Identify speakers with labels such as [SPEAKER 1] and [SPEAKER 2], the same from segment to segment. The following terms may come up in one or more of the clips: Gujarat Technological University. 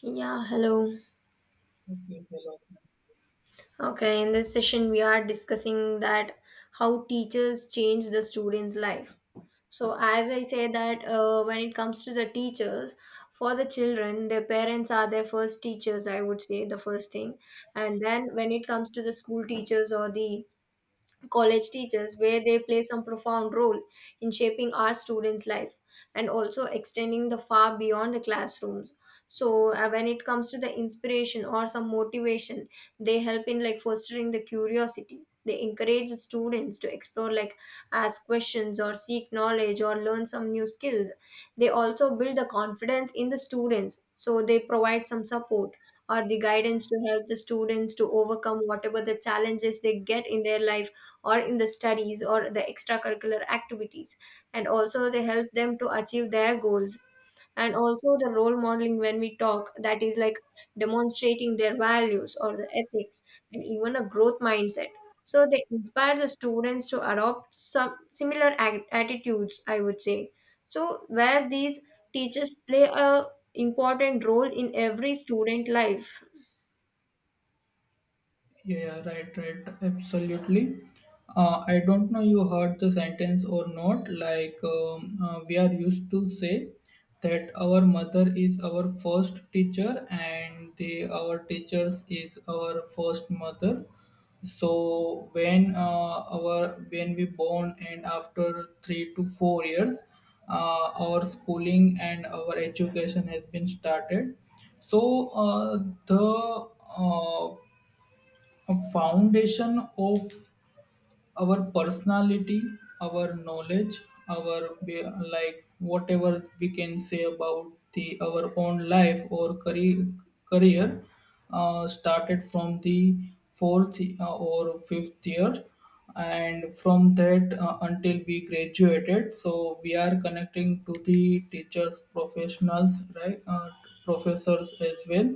[SPEAKER 1] Yeah, hello.
[SPEAKER 2] Entiendo.
[SPEAKER 1] Okay, in this session we are discussing that how teachers change the students' life. So as I say that, when it comes to the teachers, for the children, their parents are their first teachers, I would say the first thing. And then when it comes to the school teachers or the college teachers where they play some profound role in shaping our students life and also extending the far beyond the classrooms, so when it comes to the inspiration or some motivation, they help in like fostering the curiosity, they encourage the students to explore, like ask questions or seek knowledge or learn some new skills. They also build the confidence in the students, so they provide some support or the guidance to help the students to overcome whatever the challenges they get in their life or in the studies or the extracurricular activities, and also they help them to achieve their goals. And also the role modeling, when we talk, that is like demonstrating their values or the ethics and even a growth mindset, so they inspire the students to adopt some similar attitudes, I would say. So where these teachers play a important role in every student life.
[SPEAKER 2] Yeah, yeah, right, right, absolutely. I don't know you heard the sentence or not. We are used to say that our mother is our first teacher and the our teachers is our first mother. So when our when we born and after 3 to 4 years, our schooling and our education has been started. So the uh, a foundation of our personality, our knowledge, our be- like whatever we can say about the our own life or career started from the fourth or fifth year, and from that until we graduated, so we are connecting to the teachers, professionals, right, professors as well.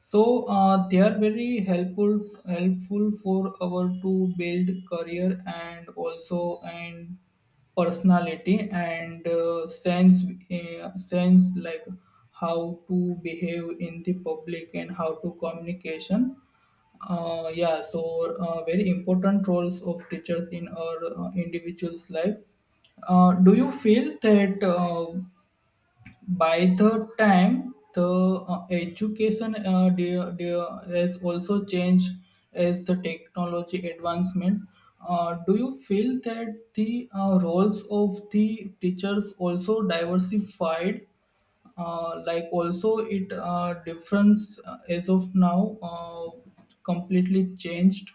[SPEAKER 2] So they are very helpful for our to build career and also and personality and sense like how to behave in the public and how to communication. Yeah, so very important roles of teachers in our individuals life. Do you feel that? By the time the education has also changed as the technology advancements, do you feel that the roles of the teachers also diversified, like also it difference as of now completely changed?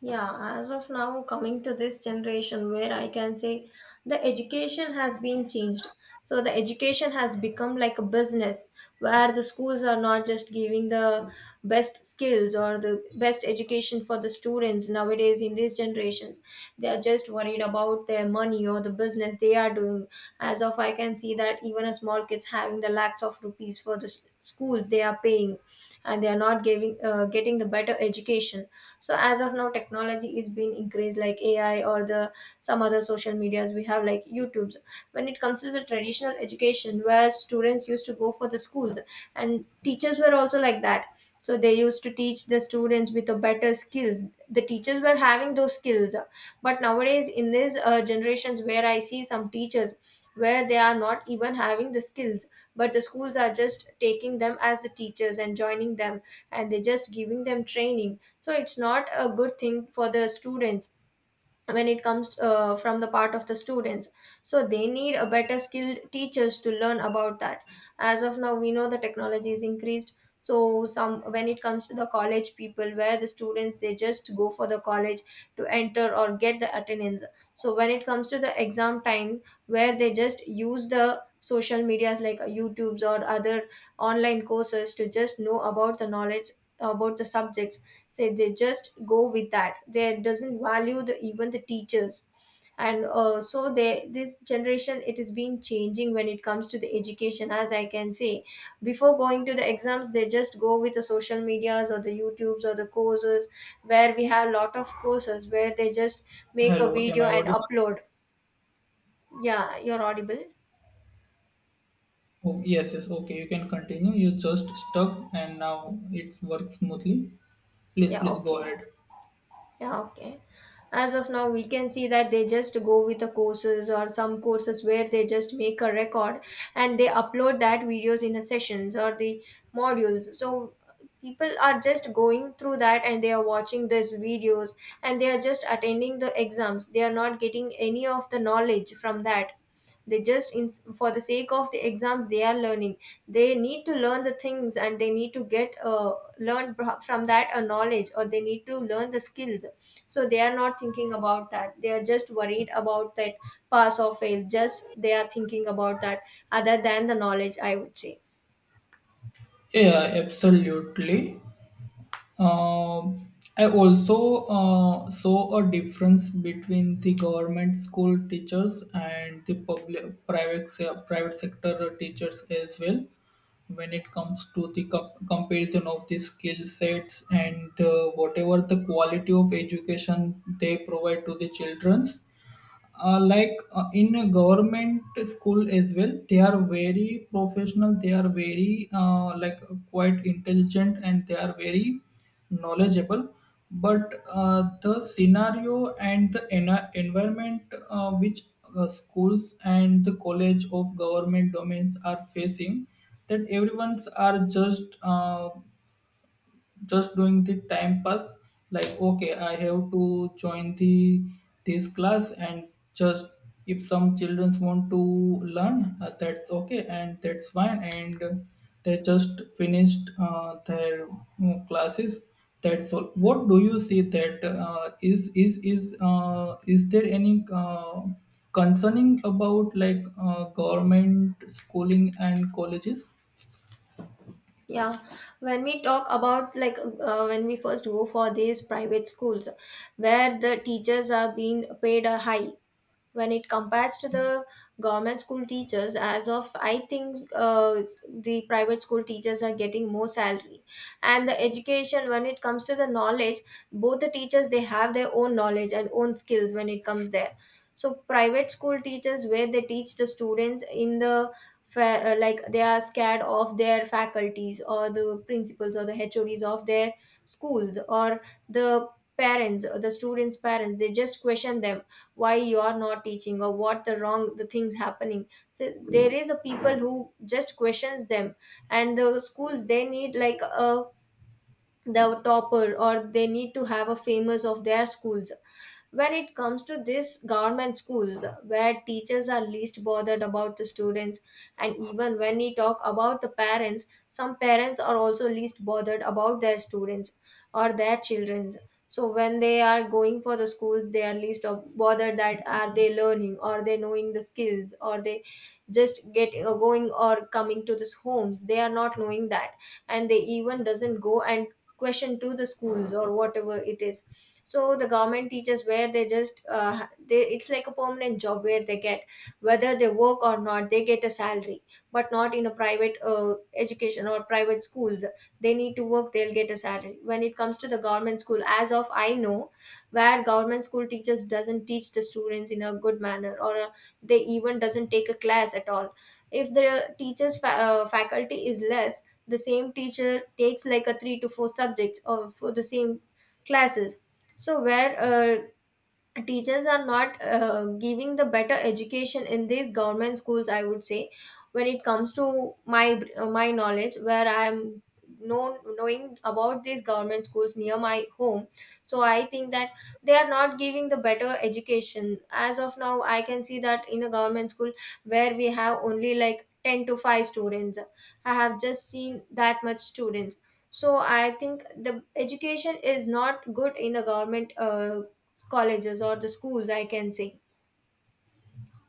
[SPEAKER 1] Yeah, as of now, coming to this generation where I can say the education has been changed. So the education has become like a business where the schools are not just giving the best skills or the best education for the students nowadays in these generations. They are just worried about their money or the business they are doing. As of I can see that even a small kids having the lakhs of rupees for the schools they are paying, and they are not giving getting the better education. So as of now technology is being increased, like AI or the some other social medias we have, like YouTubes. When it comes to the traditional education where students used to go for the schools and teachers were also like that, so they used to teach the students with the better skills, the teachers were having those skills. But nowadays in these generations where I see some teachers where they are not even having the skills, but the schools are just taking them as the teachers and joining them, and they're just giving them training, so it's not a good thing for the students when it comes from the part of the students. So they need a better skilled teachers to learn about that. As of now, we know the technology is increased. So some when it comes to the college people, where the students they just go for the college to enter or get the attendance. So when it comes to the exam time, where they just use the social medias, like YouTubes or other online courses, to just know about the knowledge about the subjects. Say they just go with that, they doesn't value the even the teachers, and so they this generation it is being changing when it comes to the education, as I can say. Before going to the exams, they just go with the social medias or the YouTubes or the courses, where we have lot of courses where they just make a
[SPEAKER 2] Hello, am
[SPEAKER 1] video
[SPEAKER 2] I
[SPEAKER 1] and
[SPEAKER 2] audible?
[SPEAKER 1] upload. Yeah, you're audible.
[SPEAKER 2] Oh, yes, yes, okay, you can continue. You just stuck and now it works smoothly. Please,
[SPEAKER 1] Yeah,
[SPEAKER 2] please go
[SPEAKER 1] okay.
[SPEAKER 2] ahead.
[SPEAKER 1] Yeah, okay. As of now, we can see that they just go with the courses or some courses where they just make a record, and they upload that videos in the sessions or the modules. So people are just going through that and they are watching these videos and they are just attending the exams. They are not getting any of the knowledge from that, they just for the sake of the exams they are learning, they need to learn the things and they need to get learn from that a knowledge, or they need to learn the skills. So they are not thinking about that, they are just worried about that pass or fail, just they are thinking about that other than the knowledge, I would say.
[SPEAKER 2] Yeah, absolutely. Um I also saw a difference between the government school teachers and the private sector teachers as well, when it comes to the comparison of the skill sets and whatever the quality of education they provide to the children. In a government school as well, they are very professional, they are very like quite intelligent and they are very knowledgeable. But the scenario and the environment which schools and the college of government domains are facing, that everyone's are just doing the time pass. Like okay, I have to join the this class and just, if some children want to learn, that's okay and that's fine, and they just finished their classes, that's all. What do you see that is there any concerning about like government schooling and colleges?
[SPEAKER 1] Yeah, when we talk about like when we first go for these private schools, where the teachers are being paid a high when it compares to the government school teachers, as of I think the private school teachers are getting more salary. And the education when it comes to the knowledge, both the teachers they have their own knowledge and own skills when it comes there. So private school teachers where they teach the students in the like they are scared of their faculties or the principals or the HODs of their schools or the parents or the students parents, they just question them why you are not teaching or what the wrong the things happening. So there is a people who just questions them, and the schools they need like a the topper or they need to have a famous of their schools. When it comes to this government schools where teachers are least bothered about the students, and even when we talk about the parents, some parents are also least bothered about their students or their children's. So when they are going for the schools, they are least of bothered that are they learning, are they knowing the skills, or they just getting or going or coming to this homes, they are not knowing that, and they even doesn't go and question to the schools or whatever it is. So the government teachers where they it's like a permanent job where they get, whether they work or not, they get a salary, but not in a private education or private schools, they need to work, they'll get a salary. When it comes to the government school, as of I know, where government school teachers doesn't teach the students in a good manner, or they even doesn't take a class at all. If the teachers faculty is less, the same teacher takes like a three to four subjects or for the same classes. So where teachers are not giving the better education in these government schools, I would say. When it comes to my knowledge, where I am known knowing about these government schools near my home, so I think that they are not giving the better education. As of now, I can see that in a government school where we have only like 10 to 5 students, I have just seen that much students. So I think the education is not good in a government colleges or the schools, I can say.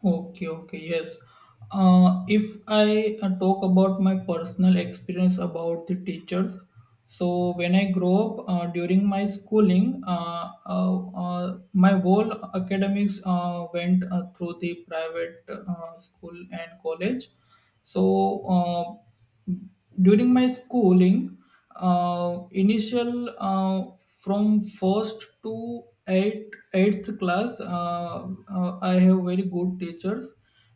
[SPEAKER 2] Okay, okay, yes. If I talk about my personal experience about the teachers, so when I grow up during my schooling, my whole academics went through the private school and college. So uh, during my schooling, initial from first to eighth class, I have very good teachers.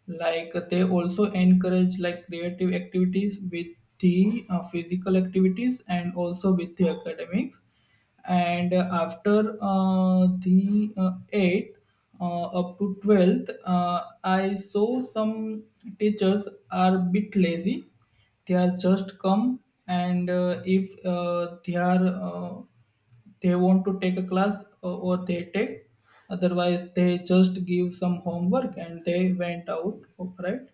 [SPEAKER 2] Like they also encourage like creative activities with the physical activities and also with the academics. And after the 8th up to 12th, I saw some teachers are bit lazy. They are just come, and if they are they want to take a class, or they take, otherwise they just give some homework and they went out, right.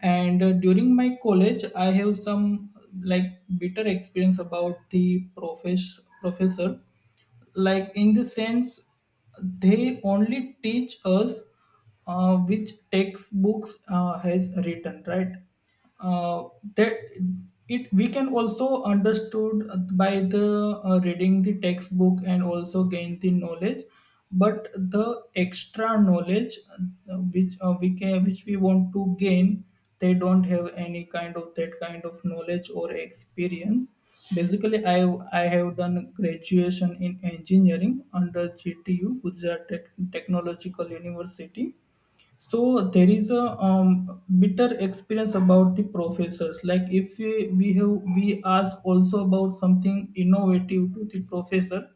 [SPEAKER 2] And during my college I have some like bitter experience about the professors. Like in the sense, they only teach us which textbooks has written, right. Uh, that it we can also understood by the reading the textbook and also gain the knowledge. But the extra knowledge which we can, which we want to gain, they don't have any kind of that kind of knowledge or experience. Basically, I have done graduation in engineering under gtu, gujarat technological university. So there is a bitter experience about the professors. Like if we have we ask also about something innovative to the professor,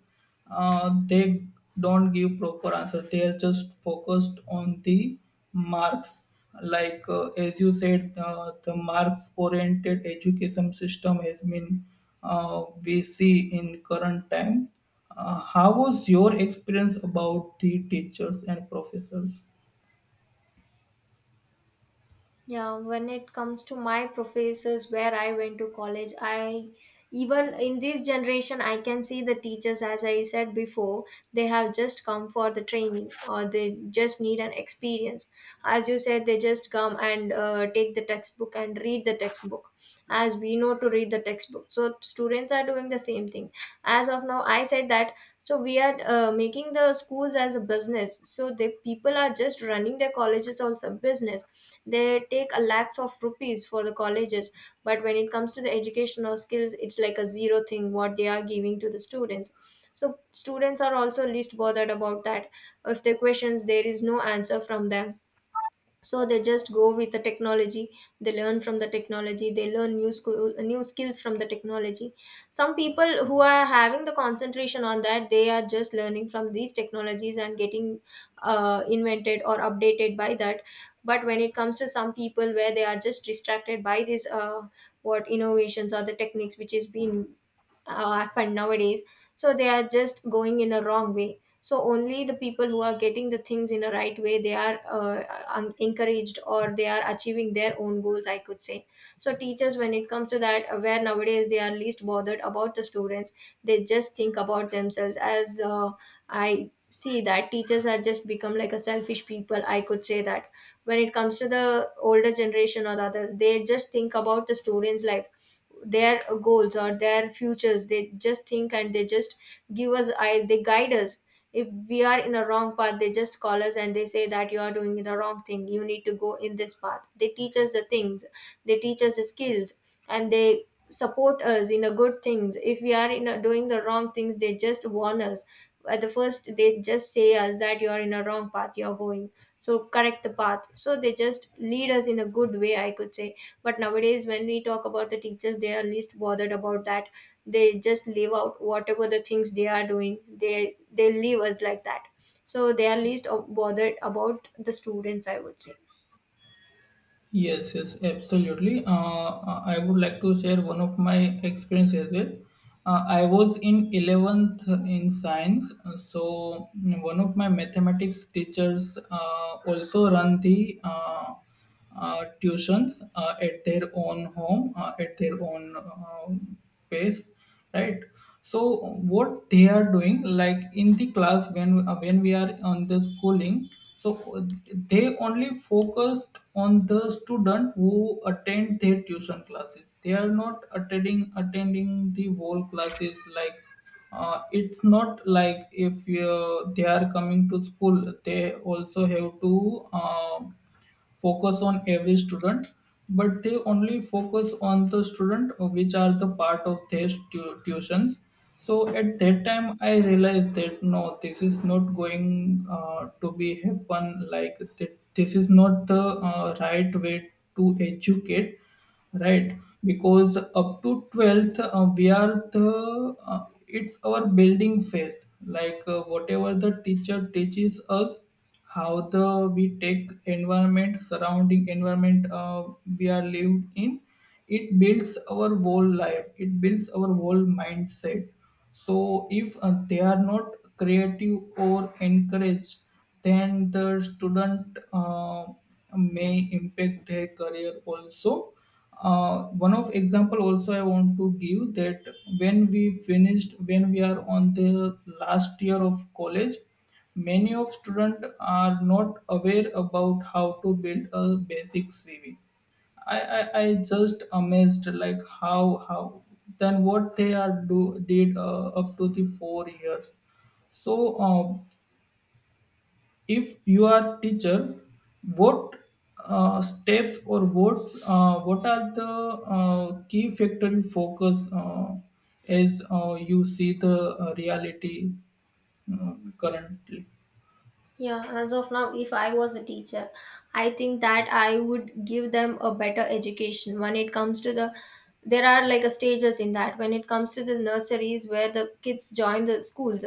[SPEAKER 2] they don't give proper answer. They are just focused on the marks. Like as you said, the marks oriented education system has been we see in current time. How was your experience about the teachers and professors?
[SPEAKER 1] Yeah, when it comes to my professors where I went to college, I, even in this generation, I can see the teachers, as I said before, they have just come for the training or they just need an experience. As you said, they just come and take the textbook and read the textbook. As we know to read the textbook, so students are doing the same thing. As of now, I said that so we are making the schools as a business. So the people are just running their colleges also business, they take a lakhs of rupees for the colleges, but when it comes to the educational skills it's like a zero thing what they are giving to the students. So students are also least bothered about that, if the questions there is no answer from them. So they just go with the technology, they learn from the technology, they learn new skills from the technology. Some people who are having the concentration on that, they are just learning from these technologies and getting invented or updated by that. But when it comes to some people where they are just distracted by these what innovations or the techniques which is being happened nowadays, so they are just going in a wrong way. So only the people who are getting the things in a right way, they are encouraged or they are achieving their own goals, I could say. So teachers when it comes to that, where nowadays they are least bothered about the students, they just think about themselves. As I see that teachers are just become like a selfish people, I could say that. When it comes to the older generation or the other, they just think about the students life, their goals or their futures, they just think and they just give us, I they guide us. If we are in a wrong path, they just call us and they say that you are doing the wrong thing, you need to go in this path, they teach us the things, they teach us the skills, and they support us in a good things. If we are doing the wrong things, they just warn us at the first, they Just say us that you're in a wrong path you're going. So correct the path. So they just lead us in a good way, I could say. But nowadays when we talk about the teachers, they are least bothered about that. They just leave out whatever the things they are doing. They leave us like that. So they are least bothered about the students, I would say.
[SPEAKER 2] Yes, yes, absolutely. I would like to share one of my experience as well. I was in 11th in science, so one of my mathematics teachers also run the tuitions at their own home, at their own pace, right. So what they are doing, like in the class, when we are on the schooling, so uh, they only focused on the student who attend their tuition classes. They are not attending the whole classes. Like it's not like if they are coming to school, they also have to uh, focus on every student. But they only focus on the student which are the part of their tuitions. So at that time I realized that no, this is not going to be happen like that. This is not the right way to educate, right. Because up to 12th, we are the it's our building phase. Like whatever the teacher teaches us, how the we take environment, surrounding environment we are lived in, it builds our whole life, it builds our whole mindset. So if they are not creative or encouraged, then the student may impact their career also. One of example also I want to give that, when we finished, when we are on the last year of college, many of student are not aware about how to build a basic cv. I just amazed like how then what they are do did up to the 4 years. So if you are teacher, what steps or what are the key factor you focus as you see the reality uh, currently?
[SPEAKER 1] Yeah, as of now, if I was a teacher, I think that I would give them a better education when it comes to the there are like a stages in that. When it comes to the nurseries where the kids join the schools,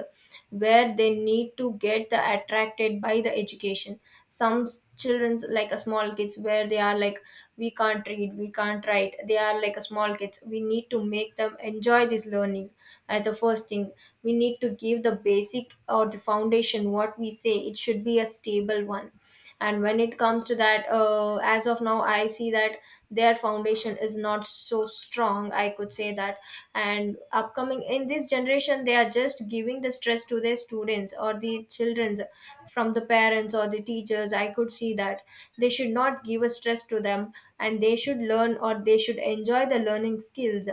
[SPEAKER 1] where they need to get the attracted by the education. Some children's like a small kids, where they are like we can't read, we can't write, they are like a small kids, we need to make them enjoy this learning at the first thing. We need to give the basic or the foundation, what we say, it should be a stable one. And when it comes to that, as of now I see that their foundation is not so strong, I could say that. And upcoming in this generation, they are just giving the stress to their students or the children's from the parents or the teachers, I could see that. They should not give a stress to them, and they should learn or they should enjoy the learning skills.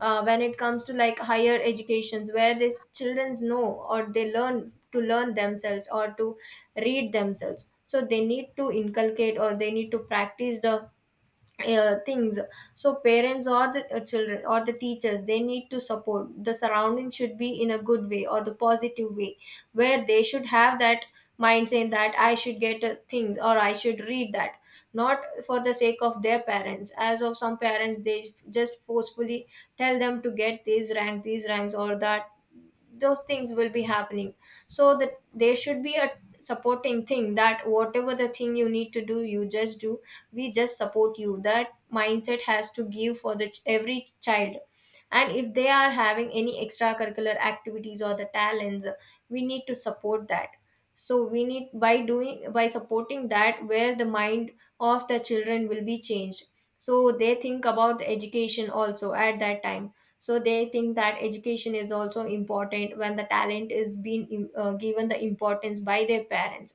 [SPEAKER 1] When it comes to like higher educations, where the children know or they learn to learn themselves or to read themselves, so they need to inculcate or they need to practice the things. So parents or the children or the teachers, they need to support. The surrounding should be in a good way or the positive way, where they should have that mind saying that I should get things or I should read that. Not for the sake of their parents, as of some parents, they just forcefully tell them to get these ranks, these ranks, or that those things will be happening. So that there should be a supporting thing, that whatever the thing you need to do, you just do, we just support you. That mindset has to give for the every child. And if they are having any extracurricular activities or the talents, we need to support that. So we need by doing, by supporting that, where the mind of the children will be changed. So they think about the education also at that time. So they think that education is also important when the talent is being given the importance by their parents.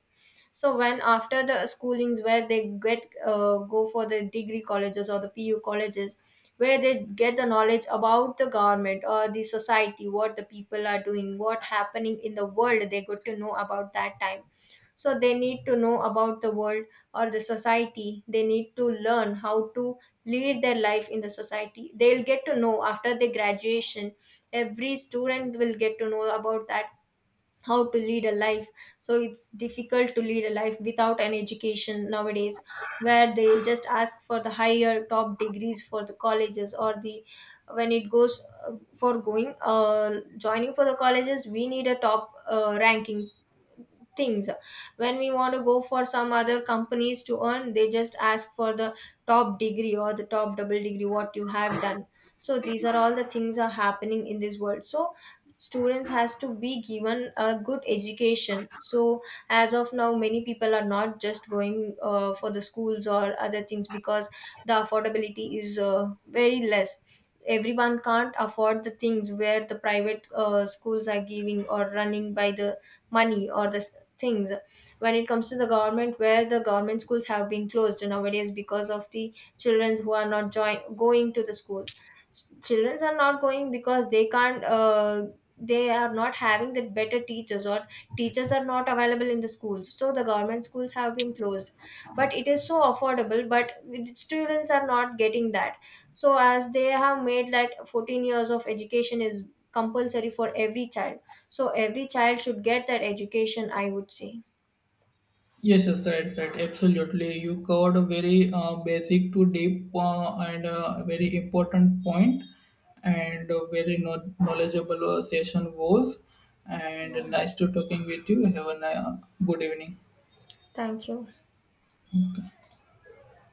[SPEAKER 1] So when after the schoolings, where they get go for the degree colleges or the PU colleges, where they get the knowledge about the government or the society, what the people are doing, what happening in the world, they got to know about that time. So they need to know about the world or the society. They need to learn how to lead their life in the society. They'll get to know after the graduation. Every student will get to know about that, how to lead a life. So it's difficult to lead a life without an education nowadays, where they just ask for the higher top degrees for the colleges or the when it goes for going joining for the colleges, we need a top ranking things. When we want to go for some other companies to earn, they just ask for the top degree or the top double degree what you have done. So these are all the things are happening in this world. So students has to be given a good education. So as of now many people are not just going for the schools or other things because the affordability is very less. Everyone can't afford the things, where the private schools are giving or running by the money or the things. When it comes to the government, where the government schools have been closed nowadays because of the children who are not join going to the schools. Children are not going because they can't, they are not having the better teachers, or teachers are not available in the schools, so the government schools have been closed. But it is so affordable, but students are not getting that. So as they have made that 14 years of education is compulsory for every child, so every child should get that education, I would say.
[SPEAKER 2] Yes, yes, right, right. Absolutely. You covered a very basic to deep and very important point, and a very knowledgeable session was. And
[SPEAKER 1] Yeah.
[SPEAKER 2] nice to talking with you. Have a good evening.
[SPEAKER 1] Thank you.